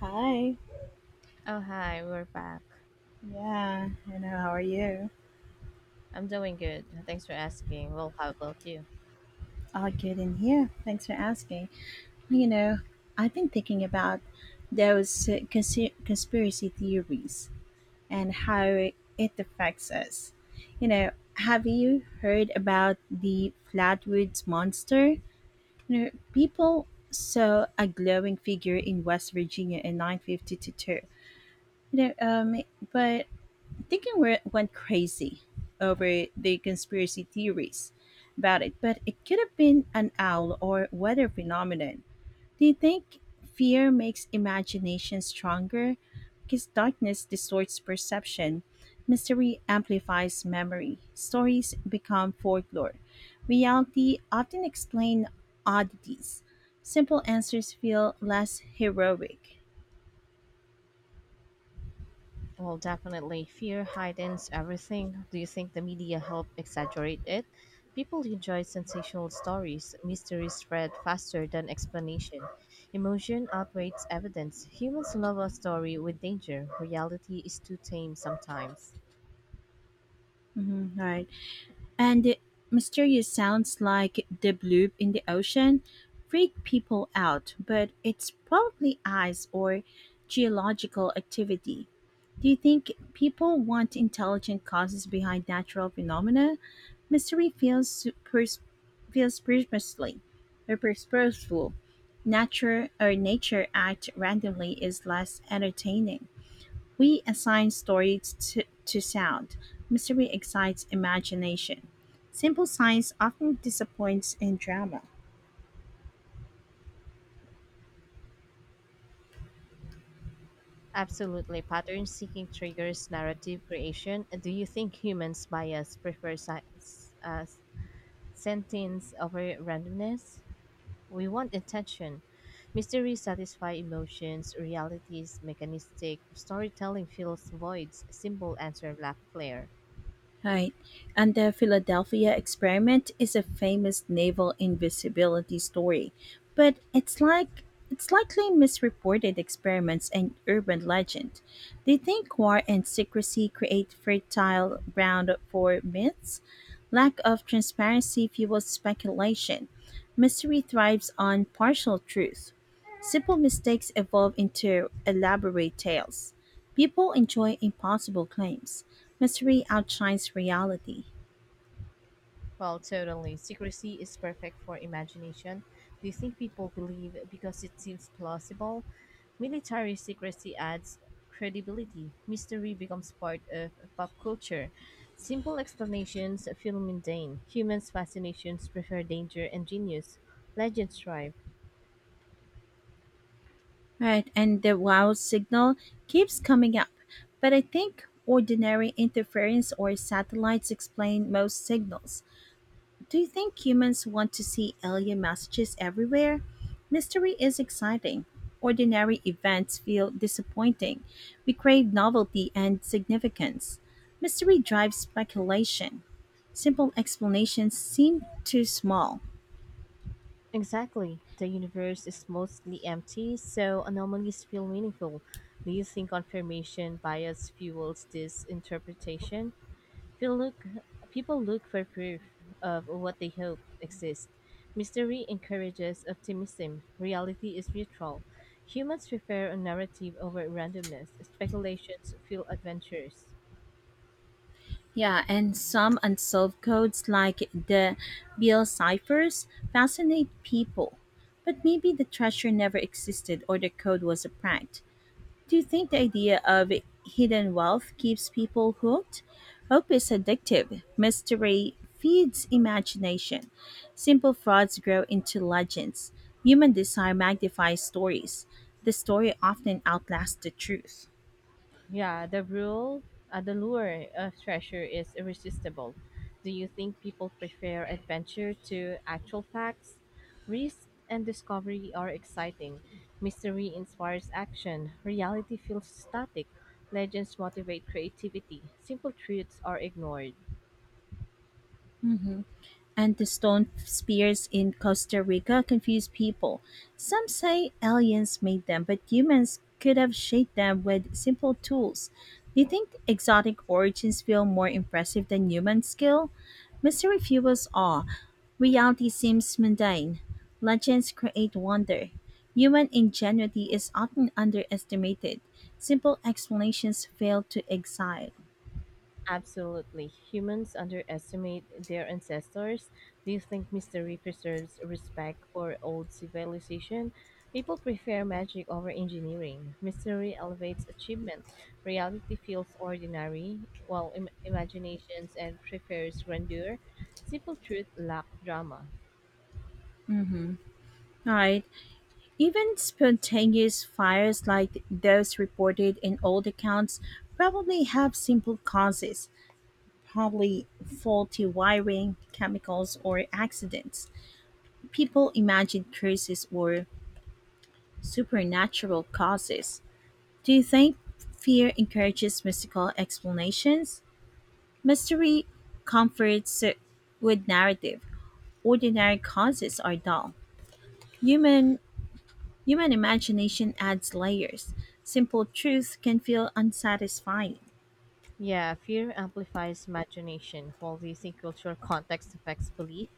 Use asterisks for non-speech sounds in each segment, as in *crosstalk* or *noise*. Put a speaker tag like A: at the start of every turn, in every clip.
A: Hi.
B: Oh, hi, we're back.
A: Yeah, I know. How are you?
B: I'm doing good. Thanks for asking. Well, how about you?
A: All good in here. Thanks for asking. You know, I've been thinking about those conspiracy theories and how it affects us. You know, have you heard about the Flatwoods Monster? You know, people saw a glowing figure in West Virginia in 1952. You know, um, but thinking we went crazy over the conspiracy theories about it, but it could have been an owl or weather phenomenon. Do you think fear makes imagination stronger? Because darkness distorts perception, mystery amplifies memory, stories become folklore, reality often explains oddities. Simple answers feel less heroic.
B: Well, definitely. Fear heightens everything. Do you think the media helped exaggerate it? People enjoy sensational stories. Mysteries spread faster than explanation. Emotion outweighs evidence. Humans love a story with danger. Reality is too tame sometimes.
A: Mhm. Right. And the mysterious sounds like the bloop in the ocean freak people out, but it's probably ice or geological activity. Do you think people want intelligent causes behind natural phenomena? Mystery feels pers- feels purposely or purposeful. Nature or nature act randomly is less entertaining. We assign stories to sound. Mystery excites imagination. Simple science often disappoints in drama.
B: Absolutely. Pattern seeking triggers narrative creation. Do you think humans bias prefer sentience over randomness? We want intention. Mystery satisfies emotions. Realities mechanistic storytelling fills voids, simple answer lack flair.
A: Right. And the Philadelphia experiment is a famous naval invisibility story, but it's likely misreported experiments and urban legend. They think war and secrecy create fertile ground for myths. Lack of transparency fuels speculation. Mystery thrives on partial truth. Simple mistakes evolve into elaborate tales. People enjoy impossible claims. Mystery outshines reality.
B: Well, totally. Secrecy is perfect for imagination. Do you think people believe because it seems plausible? Military secrecy adds credibility. Mystery becomes part of pop culture. Simple explanations feel mundane. Humans' fascinations prefer danger and genius. Legends thrive.
A: Right, and the wow signal keeps coming up. But I think ordinary interference or satellites explain most signals. Do you think humans want to see alien messages everywhere? Mystery is exciting. Ordinary events feel disappointing. We crave novelty and significance. Mystery drives speculation. Simple explanations seem too small.
B: Exactly. The universe is mostly empty, so anomalies feel meaningful. Do you think confirmation bias fuels this interpretation? People look, people look for proof of what they hope exists. Mystery encourages optimism. Reality is neutral. Humans prefer a narrative over randomness. Speculations feel adventures.
A: Yeah, and some unsolved codes like the Beale ciphers fascinate people. But maybe the treasure never existed or the code was a prank. Do you think the idea of hidden wealth keeps people hooked? Hope is addictive. Mystery feeds imagination. Simple frauds grow into legends. Human desire magnifies stories. The story often outlasts the truth.
B: Yeah, the lure of treasure is irresistible. Do you think people prefer adventure to actual facts? Risk and discovery are exciting. Mystery inspires action. Reality feels static. Legends motivate creativity. Simple truths are ignored.
A: Mhm. And the stone spears in Costa Rica confuse people. Some say aliens made them, but humans could have shaped them with simple tools. Do you think exotic origins feel more impressive than human skill? Mystery fuels awe. Reality seems mundane. Legends create wonder. Human ingenuity is often underestimated. Simple explanations fail to excite.
B: Absolutely. Humans underestimate their ancestors. Do you think mystery preserves respect for old civilization? People prefer magic over engineering. Mystery elevates achievement. Reality feels ordinary, while imaginations and prefers grandeur. Simple truth lack drama.
A: All right. Even spontaneous fires like those reported in old accounts probably have simple causes, probably faulty wiring, chemicals, or accidents. People imagine curses or supernatural causes. Do you think fear encourages mystical explanations? Mystery comforts with narrative. Ordinary causes are dull. Human Human imagination adds layers. Simple truth can feel unsatisfying.
B: Yeah, fear amplifies imagination, while the using cultural context affects belief.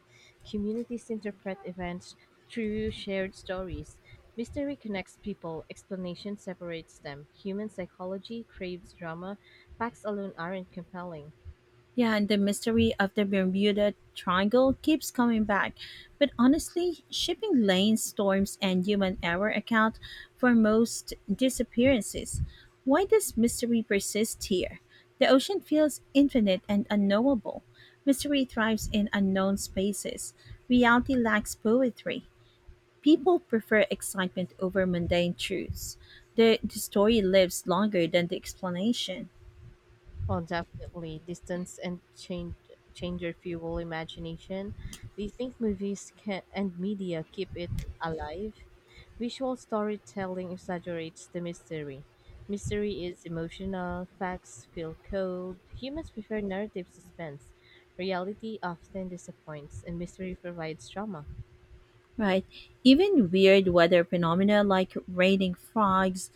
B: Communities interpret events through shared stories. Mystery connects people, explanation separates them. Human psychology craves drama, facts alone aren't compelling.
A: Yeah, and the mystery of the Bermuda Triangle keeps coming back. But honestly, shipping lanes, storms, and human error account for most disappearances. Why does mystery persist here? The ocean feels infinite and unknowable. Mystery thrives in unknown spaces. Reality lacks poetry. People prefer excitement over mundane truths. The story lives longer than the explanation,
B: Well, definitely. Distance and change changer fuel imagination. Do you think movies can, and media keep it alive? Visual storytelling exaggerates the mystery. Mystery is emotional, facts feel cold. Humans prefer narrative suspense. Reality often disappoints, and mystery provides drama.
A: right? Even weird weather phenomena like raining frogs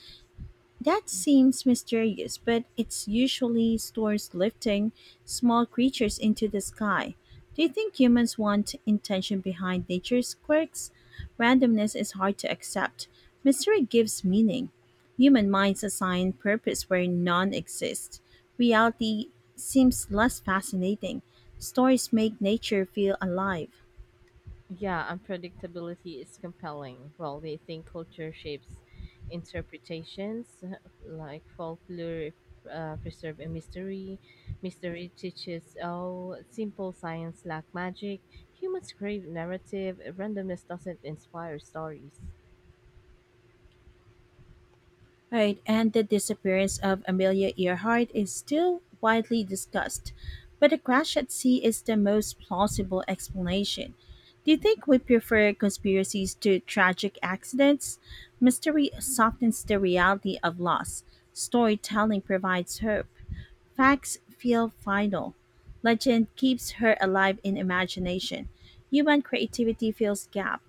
A: that seems mysterious, but it's usually stores lifting small creatures into the sky. Do you think humans want intention behind nature's quirks? Randomness is hard to accept. Mystery gives meaning. Human minds assign purpose where none exists. Reality seems less fascinating. Stories make nature feel alive.
B: Yeah, unpredictability is compelling. Well, they think culture shapes interpretations, like folklore preserve a mystery. Mystery teaches, oh, simple science lack magic. Humans crave narrative. Randomness doesn't inspire stories.
A: Right, and the disappearance of Amelia Earhart is still widely discussed, but the crash at sea is the most plausible explanation. Do you think we prefer conspiracies to tragic accidents? Mystery softens the reality of loss. Storytelling provides hope. Facts feel final. Legend keeps her alive in imagination. Human creativity fills gap.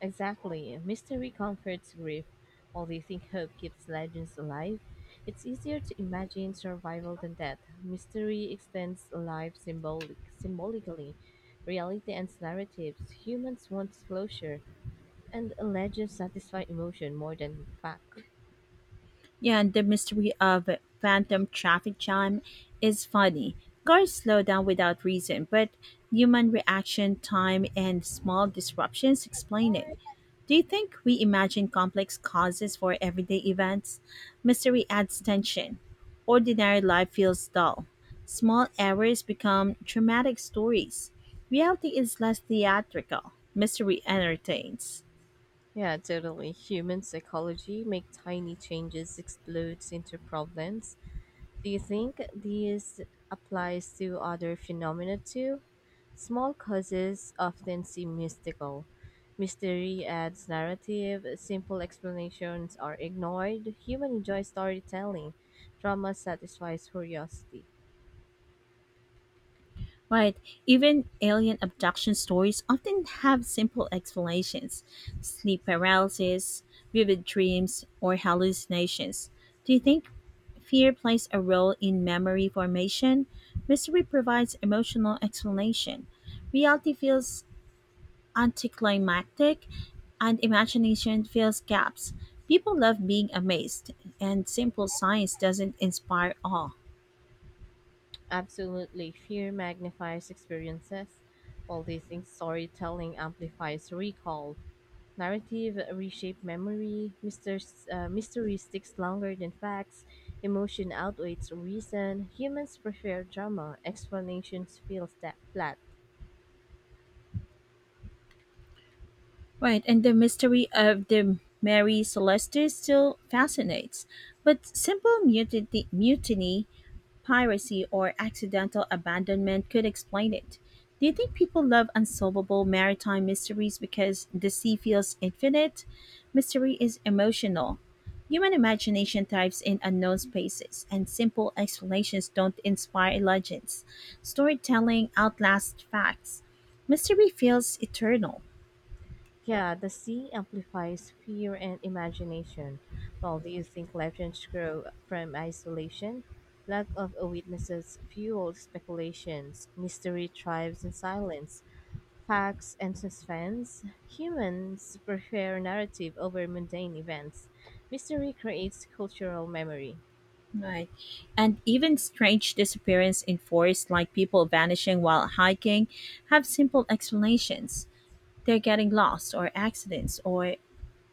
B: Exactly. Mystery comforts grief, while they think hope keeps legends alive. It's easier to imagine survival than death. Mystery extends symbolically. Reality ends narratives. Humans want closure, and legends satisfy emotion more than fact.
A: Yeah, and the mystery of phantom traffic jam is funny. Cars slow down without reason, but human reaction time and small disruptions explain it. Do you think we imagine complex causes for everyday events? Mystery adds tension. Ordinary life feels dull. Small errors become dramatic stories. Reality is less theatrical. Mystery entertains.
B: Yeah, totally. Human psychology make tiny changes explode into problems. Do you think this applies to other phenomena too? Small causes often seem mystical. Mystery adds narrative, simple explanations are ignored. Human enjoys storytelling. Drama satisfies curiosity.
A: Right. Even alien abduction stories often have simple explanations sleep paralysis, vivid dreams, or hallucinations. Do you think fear plays a role in memory formation? Mystery provides emotional explanation. Reality feels anticlimactic, and imagination fills gaps. People love being amazed, and simple science doesn't inspire awe.
B: Absolutely, fear magnifies experiences. While they think storytelling amplifies recall. Narrative reshape memory. Mystery sticks longer than facts. Emotion outweighs reason. Humans prefer drama. Explanations feel flat.
A: Right, and the mystery of the Mary Celeste still fascinates. But simple mutiny, piracy, or accidental abandonment could explain it. Do you think people love unsolvable maritime mysteries because the sea feels infinite? Mystery is emotional. Human imagination thrives in unknown spaces, and simple explanations don't inspire legends. Storytelling outlasts facts. Mystery feels eternal.
B: Yeah, the sea amplifies fear and imagination. Well, do you think legends grow from isolation? Lack of witnesses fuels speculations. Mystery thrives in silence. Facts and suspense. Humans prefer narrative over mundane events. Mystery creates cultural memory.
A: Right. And even strange disappearance in forests like people vanishing while hiking have simple explanations. They're getting lost or accidents or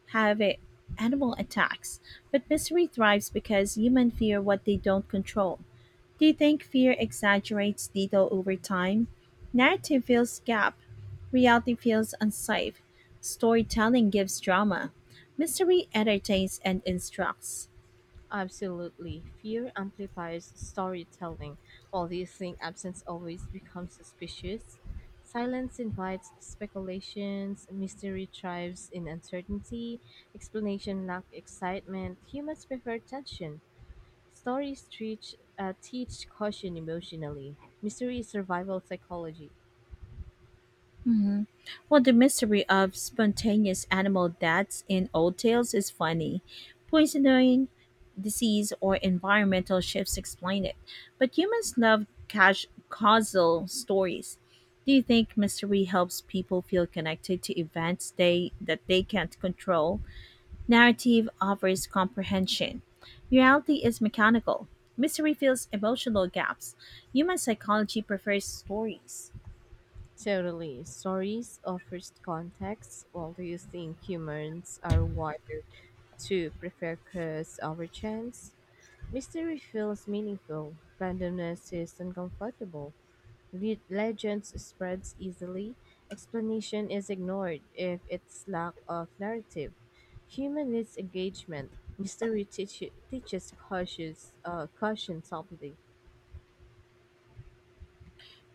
A: have a- animal attacks. But mystery thrives because humans fear what they don't control. Do you think fear exaggerates detail over time? Narrative fills gap. Reality feels unsafe. Storytelling gives drama. Mystery entertains and instructs.
B: Absolutely. Fear amplifies storytelling. While you think absence always becomes suspicious, silence invites speculations, mystery thrives in uncertainty, explanation lacks excitement. Humans prefer tension. Stories teach caution emotionally. Mystery is survival psychology.
A: Mhm. Well, the mystery of spontaneous animal deaths in old tales is funny. Poisoning, disease, or environmental shifts explain it. But humans love causal stories. Do you think mystery helps people feel connected to events they that they can't control? Narrative offers comprehension. Reality is mechanical. Mystery fills emotional gaps. Human psychology prefers stories.
B: Totally. Stories offers context. While do you think humans are wired to prefer curse over chance? Mystery feels meaningful, randomness is uncomfortable, legends spreads easily, explanation is ignored if it's lack of narrative. Human needs engagement. Mystery teaches caution softly.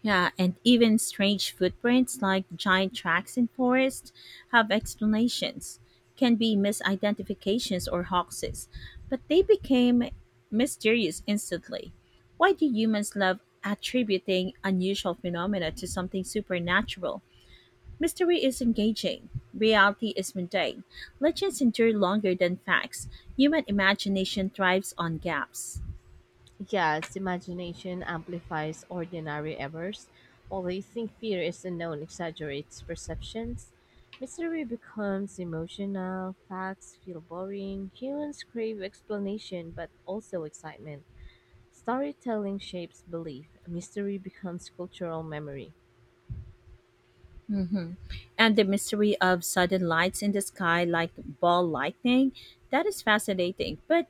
A: Yeah, and even strange footprints like giant tracks in forests have explanations, can be misidentifications or hoaxes, but they became mysterious instantly. Why do humans love attributing unusual phenomena to something supernatural? Mystery is engaging, reality is mundane. Legends endure longer than facts. Human imagination thrives on gaps.
B: Yes, imagination amplifies ordinary errors, while they think fear is unknown exaggerates perceptions. Mystery becomes emotional, facts feel boring, humans crave explanation but also excitement. Storytelling shapes belief, mystery becomes cultural memory.
A: And the mystery of sudden lights in the sky like ball lightning, that is fascinating, but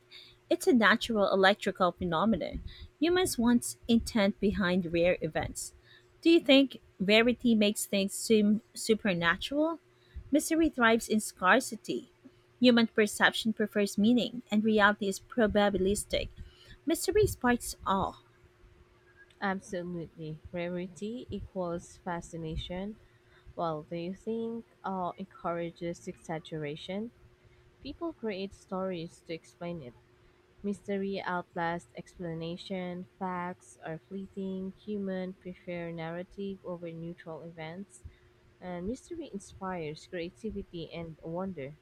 A: it's a natural electrical phenomenon. Humans want intent behind rare events. Do you think rarity makes things seem supernatural? Mystery thrives in scarcity. Human perception prefers meaning, and reality is probabilistic. Mystery sparks awe.
B: Absolutely, rarity equals fascination, while they think encourages exaggeration. People create stories to explain it. Mystery outlasts explanation, facts are fleeting, humans prefer narrative over neutral events, and mystery inspires creativity and wonder.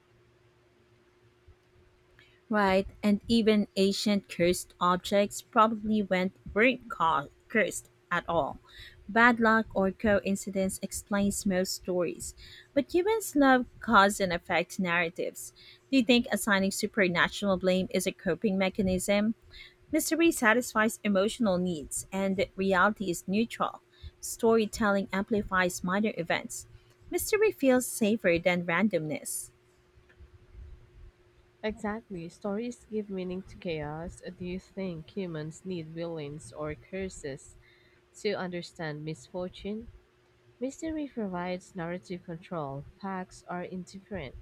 A: Right, and even ancient cursed objects probably weren't cursed at all. Bad luck or coincidence explains most stories, but humans love cause and effect narratives. Do you think assigning supernatural blame is a coping mechanism? Mystery satisfies emotional needs, and reality is neutral. Storytelling amplifies minor events. Mystery feels safer than randomness.
B: Exactly, stories give meaning to chaos. Do you think humans need villains or curses to understand misfortune? Mystery provides narrative control; facts are indifferent;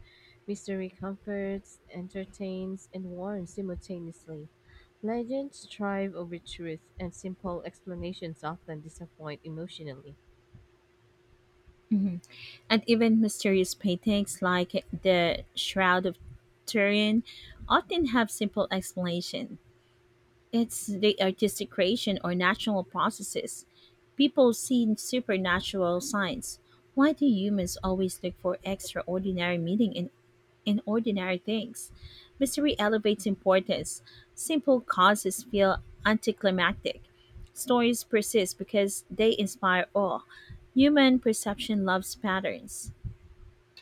B: mystery comforts, entertains, and warns simultaneously. Legends thrive over truth, and simple explanations often disappoint emotionally.
A: And even mysterious paintings like the Shroud of Turin often have simple explanation. It's the artistic creation or natural processes. People see supernatural signs. Why do humans always look for extraordinary meaning in ordinary things? Mystery elevates importance. Simple causes feel anticlimactic. Stories persist because they inspire awe. Human perception loves patterns.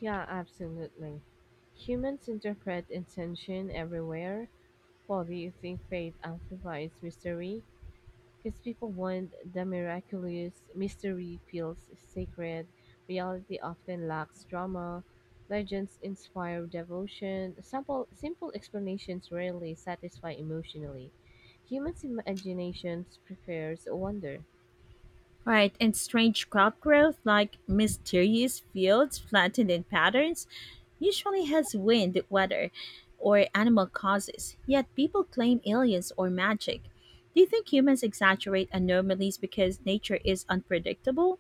B: Yeah, absolutely. Humans interpret intention everywhere. While do you think faith amplifies mystery? Because people want the miraculous, mystery feels sacred, reality often lacks drama, legends inspire devotion, simple explanations rarely satisfy emotionally. Humans' imaginations prefers wonder.
A: Right, and strange crop growth like mysterious fields flattened in patterns usually has wind, weather, or animal causes, yet people claim aliens or magic. Do you think humans exaggerate anomalies because nature is unpredictable?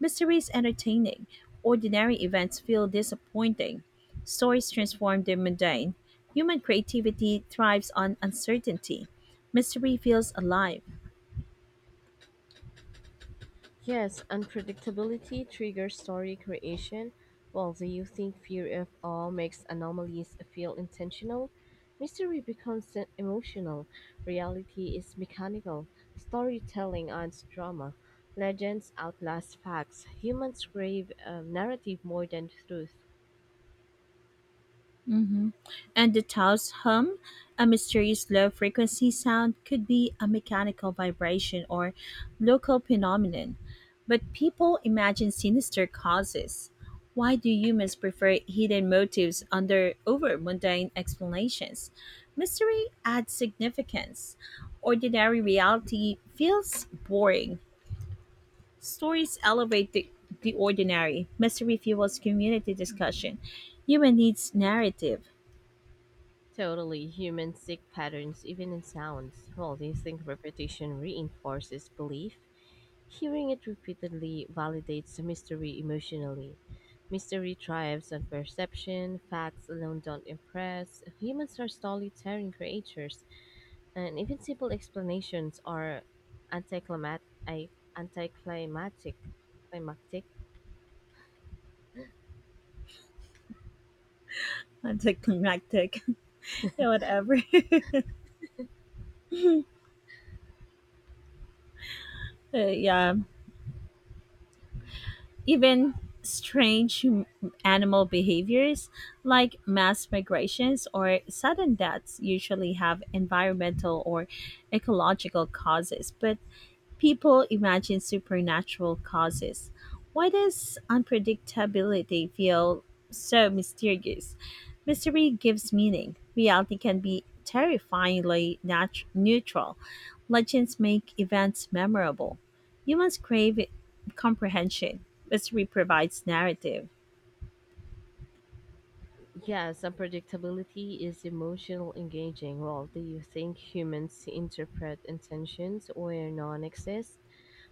A: Mystery is entertaining, ordinary events feel disappointing, stories transform the mundane. Human creativity thrives on uncertainty, mystery feels alive.
B: Yes, unpredictability triggers story creation. While the you think fear of all makes anomalies feel intentional, mystery becomes emotional. Reality is mechanical. Storytelling owns drama. Legends outlast facts. Humans crave narrative more than truth.
A: And the tow's hum, a mysterious low frequency sound, could be a mechanical vibration or local phenomenon. But people imagine sinister causes. Why do humans prefer hidden motives under over mundane explanations? Mystery adds significance. Ordinary reality feels boring. Stories elevate the ordinary. Mystery fuels community discussion. Human needs narrative.
B: Totally, humans seek patterns even in sounds. Well, they think repetition reinforces belief. Hearing it repeatedly validates the mystery emotionally. Mystery thrives on perception, facts alone don't impress. Humans are storytelling creatures, and even simple explanations are anticlimat- I- anticlimactic. Climactic.
A: *laughs* Anticlimactic. Yeah, whatever. *laughs* Yeah, even strange hum- animal behaviors like mass migrations or sudden deaths usually have environmental or ecological causes, but people imagine supernatural causes. Why does unpredictability feel so mysterious? Mystery gives meaning. Reality can be terrifyingly neutral. Legends make events memorable. Humans crave comprehension. Mystery provides narrative.
B: Yes, unpredictability is emotional engaging. Well, do you think humans interpret intentions where none exist?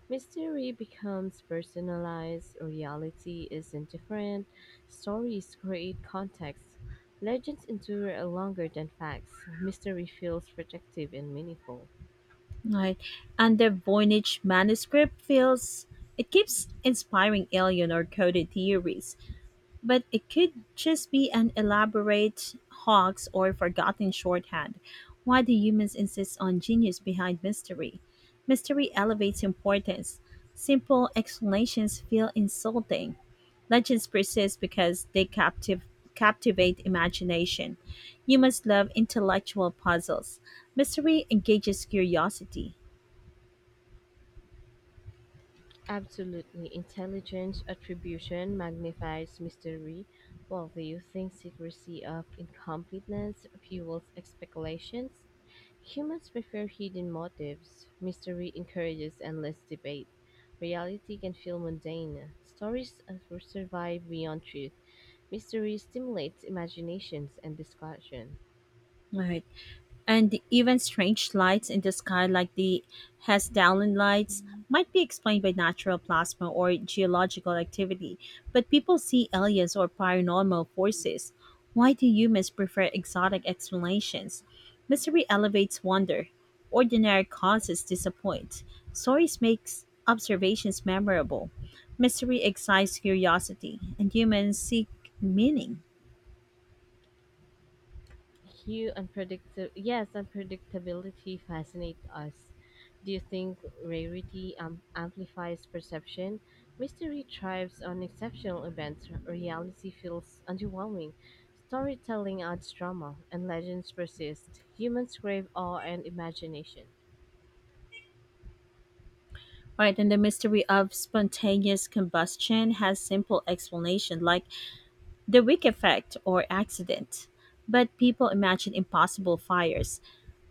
B: Mystery becomes personalized, reality is indifferent, stories create context, legends endure longer than facts, mystery feels protective and meaningful.
A: Right. And the Voynich manuscript feels it keeps inspiring alien or coded theories. But it could just be an elaborate hoax or forgotten shorthand. Why do humans insist on genius behind mystery? Mystery elevates importance. Simple explanations feel insulting. Legends persist because they captivate imagination. Humans love intellectual puzzles. Mystery engages curiosity.
B: Absolutely, intelligence attribution magnifies mystery, while the using secrecy of incompleteness fuels speculations. Humans prefer hidden motives. Mystery encourages endless debate. Reality can feel mundane. Stories survive beyond truth. Mystery stimulates imaginations and discussion.
A: Right. And even strange lights in the sky, like the Hess-Darling lights, might be explained by natural plasma or geological activity, but people see aliens or paranormal forces. Why do humans prefer exotic explanations? Mystery elevates wonder. Ordinary causes disappoint. Stories makes observations memorable. Mystery excites curiosity, and humans seek meaning.
B: You unpredictable. Yes, unpredictability fascinates us. Do you think rarity amplifies perception? Mystery thrives on exceptional events. Reality feels underwhelming. Storytelling adds drama, and legends persist. Humans crave awe and imagination.
A: Right, and the mystery of spontaneous combustion has simple explanation like the wick effect or accident. But people imagine impossible fires.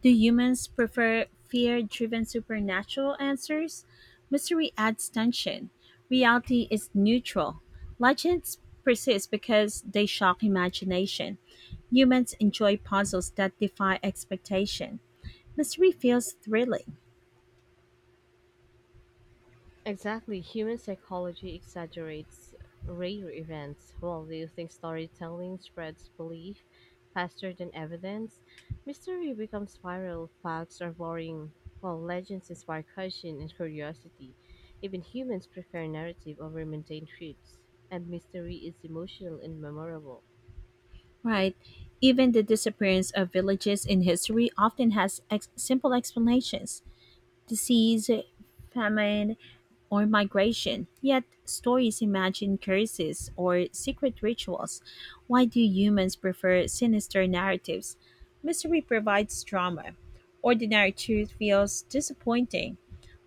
A: Do humans prefer fear driven supernatural answers? Mystery adds tension. Reality is neutral. Legends persist because they shock imagination. Humans enjoy puzzles that defy expectation. Mystery feels thrilling.
B: Exactly, human psychology exaggerates rare events. Well, do you think storytelling spreads belief faster than evidence? Mystery becomes viral, facts are boring, while legends inspire caution and curiosity. Even humans prefer narrative over mundane truths, and mystery is emotional and memorable.
A: Right. Even the disappearance of villages in history often has simple explanations disease, famine, or migration. Yet, stories imagine curses or secret rituals. Why do humans prefer sinister narratives? Mystery provides drama. Ordinary truth feels disappointing.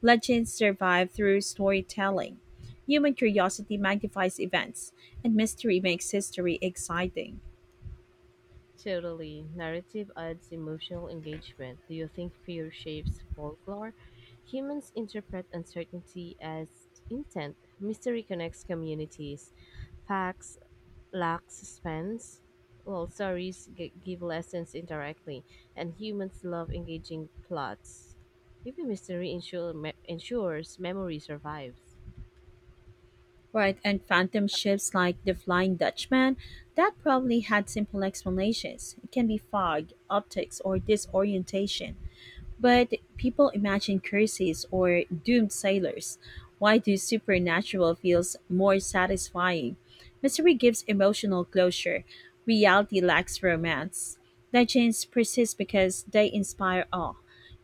A: Legends survive through storytelling. Human curiosity magnifies events, and mystery makes history exciting.
B: Totally. Narrative adds emotional engagement. Do you think fear shapes folklore? Humans interpret uncertainty as intent. Mystery connects communities. Facts lack suspense. Well, stories give lessons indirectly, and humans love engaging plots. Maybe mystery ensures memory survives.
A: Right, and phantom ships like the Flying Dutchman, that probably had simple explanations. It can be fog, optics, or disorientation. But people imagine curses or doomed sailors. Why do supernatural feels more satisfying? Mystery gives emotional closure. Reality lacks romance. Legends persist because they inspire awe.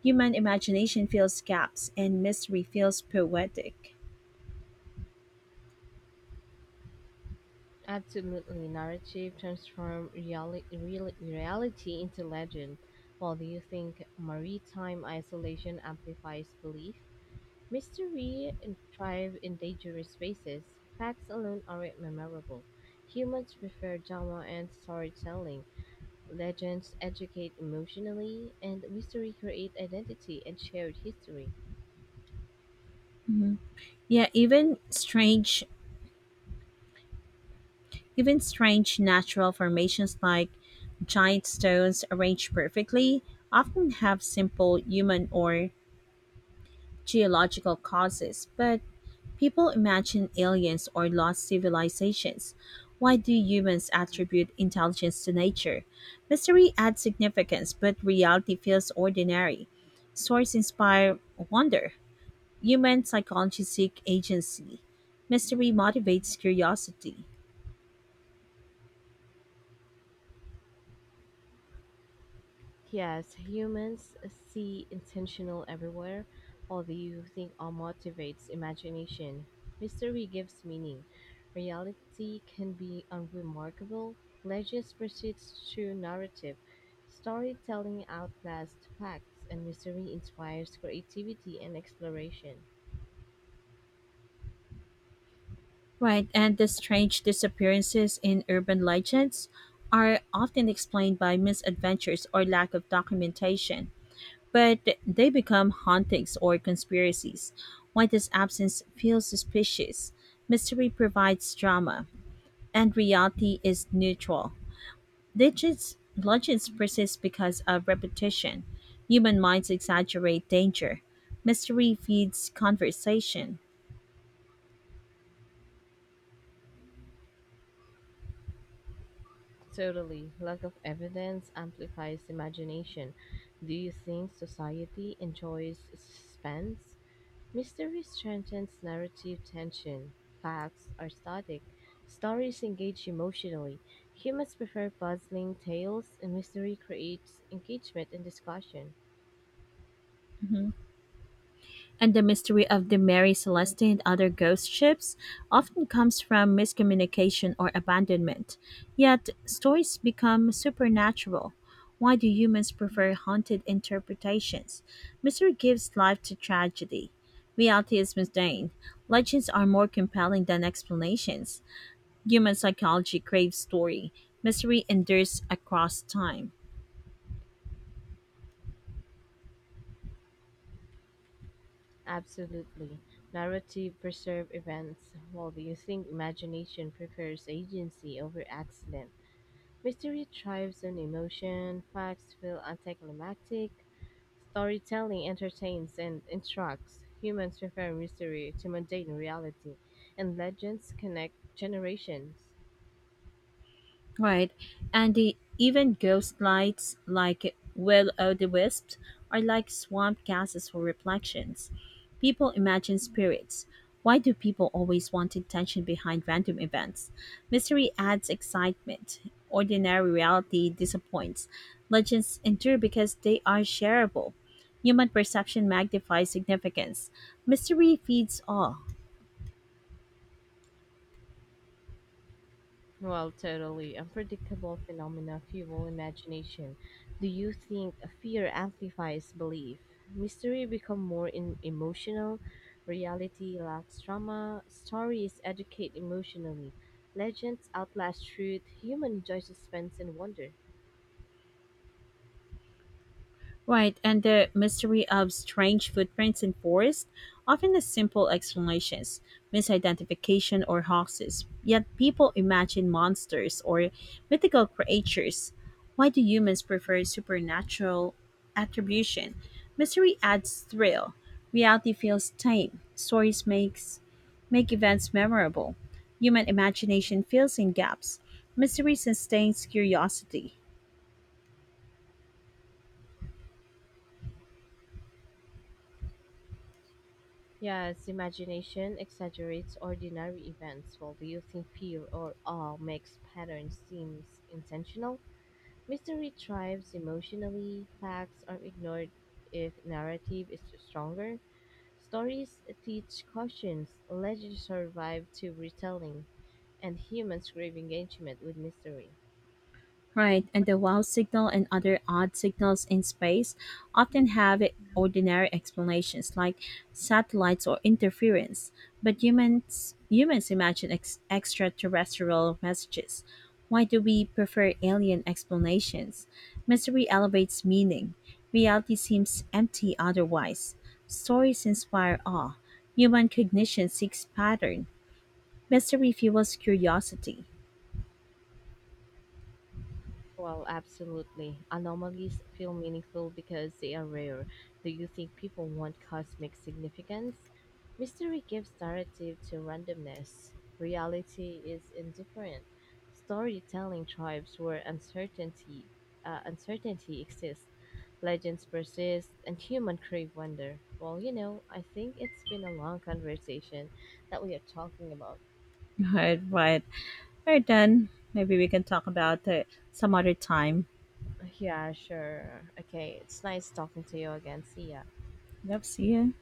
A: Human imagination fills gaps, and mystery feels poetic.
B: Absolutely, narrative transform reality into legend. While do you think maritime isolation amplifies belief? Mystery and thrive in dangerous spaces. Facts alone aren't memorable. Humans prefer drama and storytelling. Legends educate emotionally, and mystery create identity and shared history.
A: Mhm. Yeah, even strange natural formations like giant stones arranged perfectly often have simple human or geological causes, but people imagine aliens or lost civilizations. Why do humans attribute intelligence to nature? Mystery adds significance, but reality feels ordinary. Stories inspire wonder. Human psychology seek agency. Mystery motivates curiosity.
B: Yes, humans see intentional everywhere, although you think all motivates imagination. Mystery gives meaning. Reality can be unremarkable. Legends precedes true narrative. Storytelling outlasts facts, and mystery inspires creativity and exploration.
A: Right, and the strange disappearances in urban legends are often explained by misadventures or lack of documentation, but they become hauntings or conspiracies. Why does absence feel suspicious? Mystery provides drama, and reality is neutral. Legends persist because of repetition. Human minds exaggerate danger. Mystery feeds conversation.
B: Totally. Lack of evidence amplifies imagination. Do you think society enjoys suspense? Mystery strengthens narrative tension, facts are static, stories engage emotionally. Humans prefer puzzling tales, and mystery creates engagement and discussion.
A: Mhm. And the mystery of the Mary Celeste and other ghost ships often comes from miscommunication or abandonment. Yet, stories become supernatural. Why do humans prefer haunted interpretations? Mystery gives life to tragedy. Reality is mundane. Legends are more compelling than explanations. Human psychology craves story. Mystery endures across time.
B: Absolutely. Narrative preserve events, while the you think imagination prefers agency over accident. Mystery thrives on emotion, facts feel anticlimactic. Storytelling entertains and instructs. Humans prefer mystery to mundane reality, and legends connect generations.
A: Right. And the even ghost lights like Will O' the Wisps are like swamp gases for reflections. People imagine spirits. Why do people always want intention behind random events? Mystery adds excitement. Ordinary reality disappoints. Legends endure because they are shareable. Human perception magnifies significance. Mystery feeds awe.
B: While totally unpredictable phenomena fuel imagination, do you think fear amplifies belief? Mystery become more emotional, reality lacks drama, stories educate emotionally, legends outlast truth, human enjoy suspense and wonder.
A: Right, and the mystery of strange footprints in forests, often the simple explanations, misidentification or hoaxes. Yet people imagine monsters or mythical creatures. Why do humans prefer supernatural attribution? Mystery adds thrill. Reality feels tame. Stories make events memorable. Human imagination fills in gaps. Mystery sustains curiosity.
B: Yes, imagination exaggerates ordinary events, while the youth in fear or awe makes patterns seem intentional. Mystery thrives emotionally, facts are ignored if narrative is stronger. Stories teach cautions, legends survive to retelling, and humans crave engagement with mystery.
A: Right, and the wow signal and other odd signals in space often have ordinary explanations like satellites or interference, but humans imagine extraterrestrial messages. Why do we prefer alien explanations? Mystery elevates meaning. Reality seems empty otherwise. Stories inspire awe. Human cognition seeks pattern. Mystery fuels curiosity. *laughs*
B: Well, absolutely. Anomalies feel meaningful because they are rare. Do you think people want cosmic significance? Mystery gives narrative to randomness. Reality is indifferent. Storytelling tribes where uncertainty exists. Legends persist, and human crave wonder. Well, you know, I think it's been a long conversation that we are talking about.
A: Right, right. Right then, maybe we can talk about it some other time.
B: Yeah, sure. Okay, it's nice talking to you again. See ya.
A: Love, see you.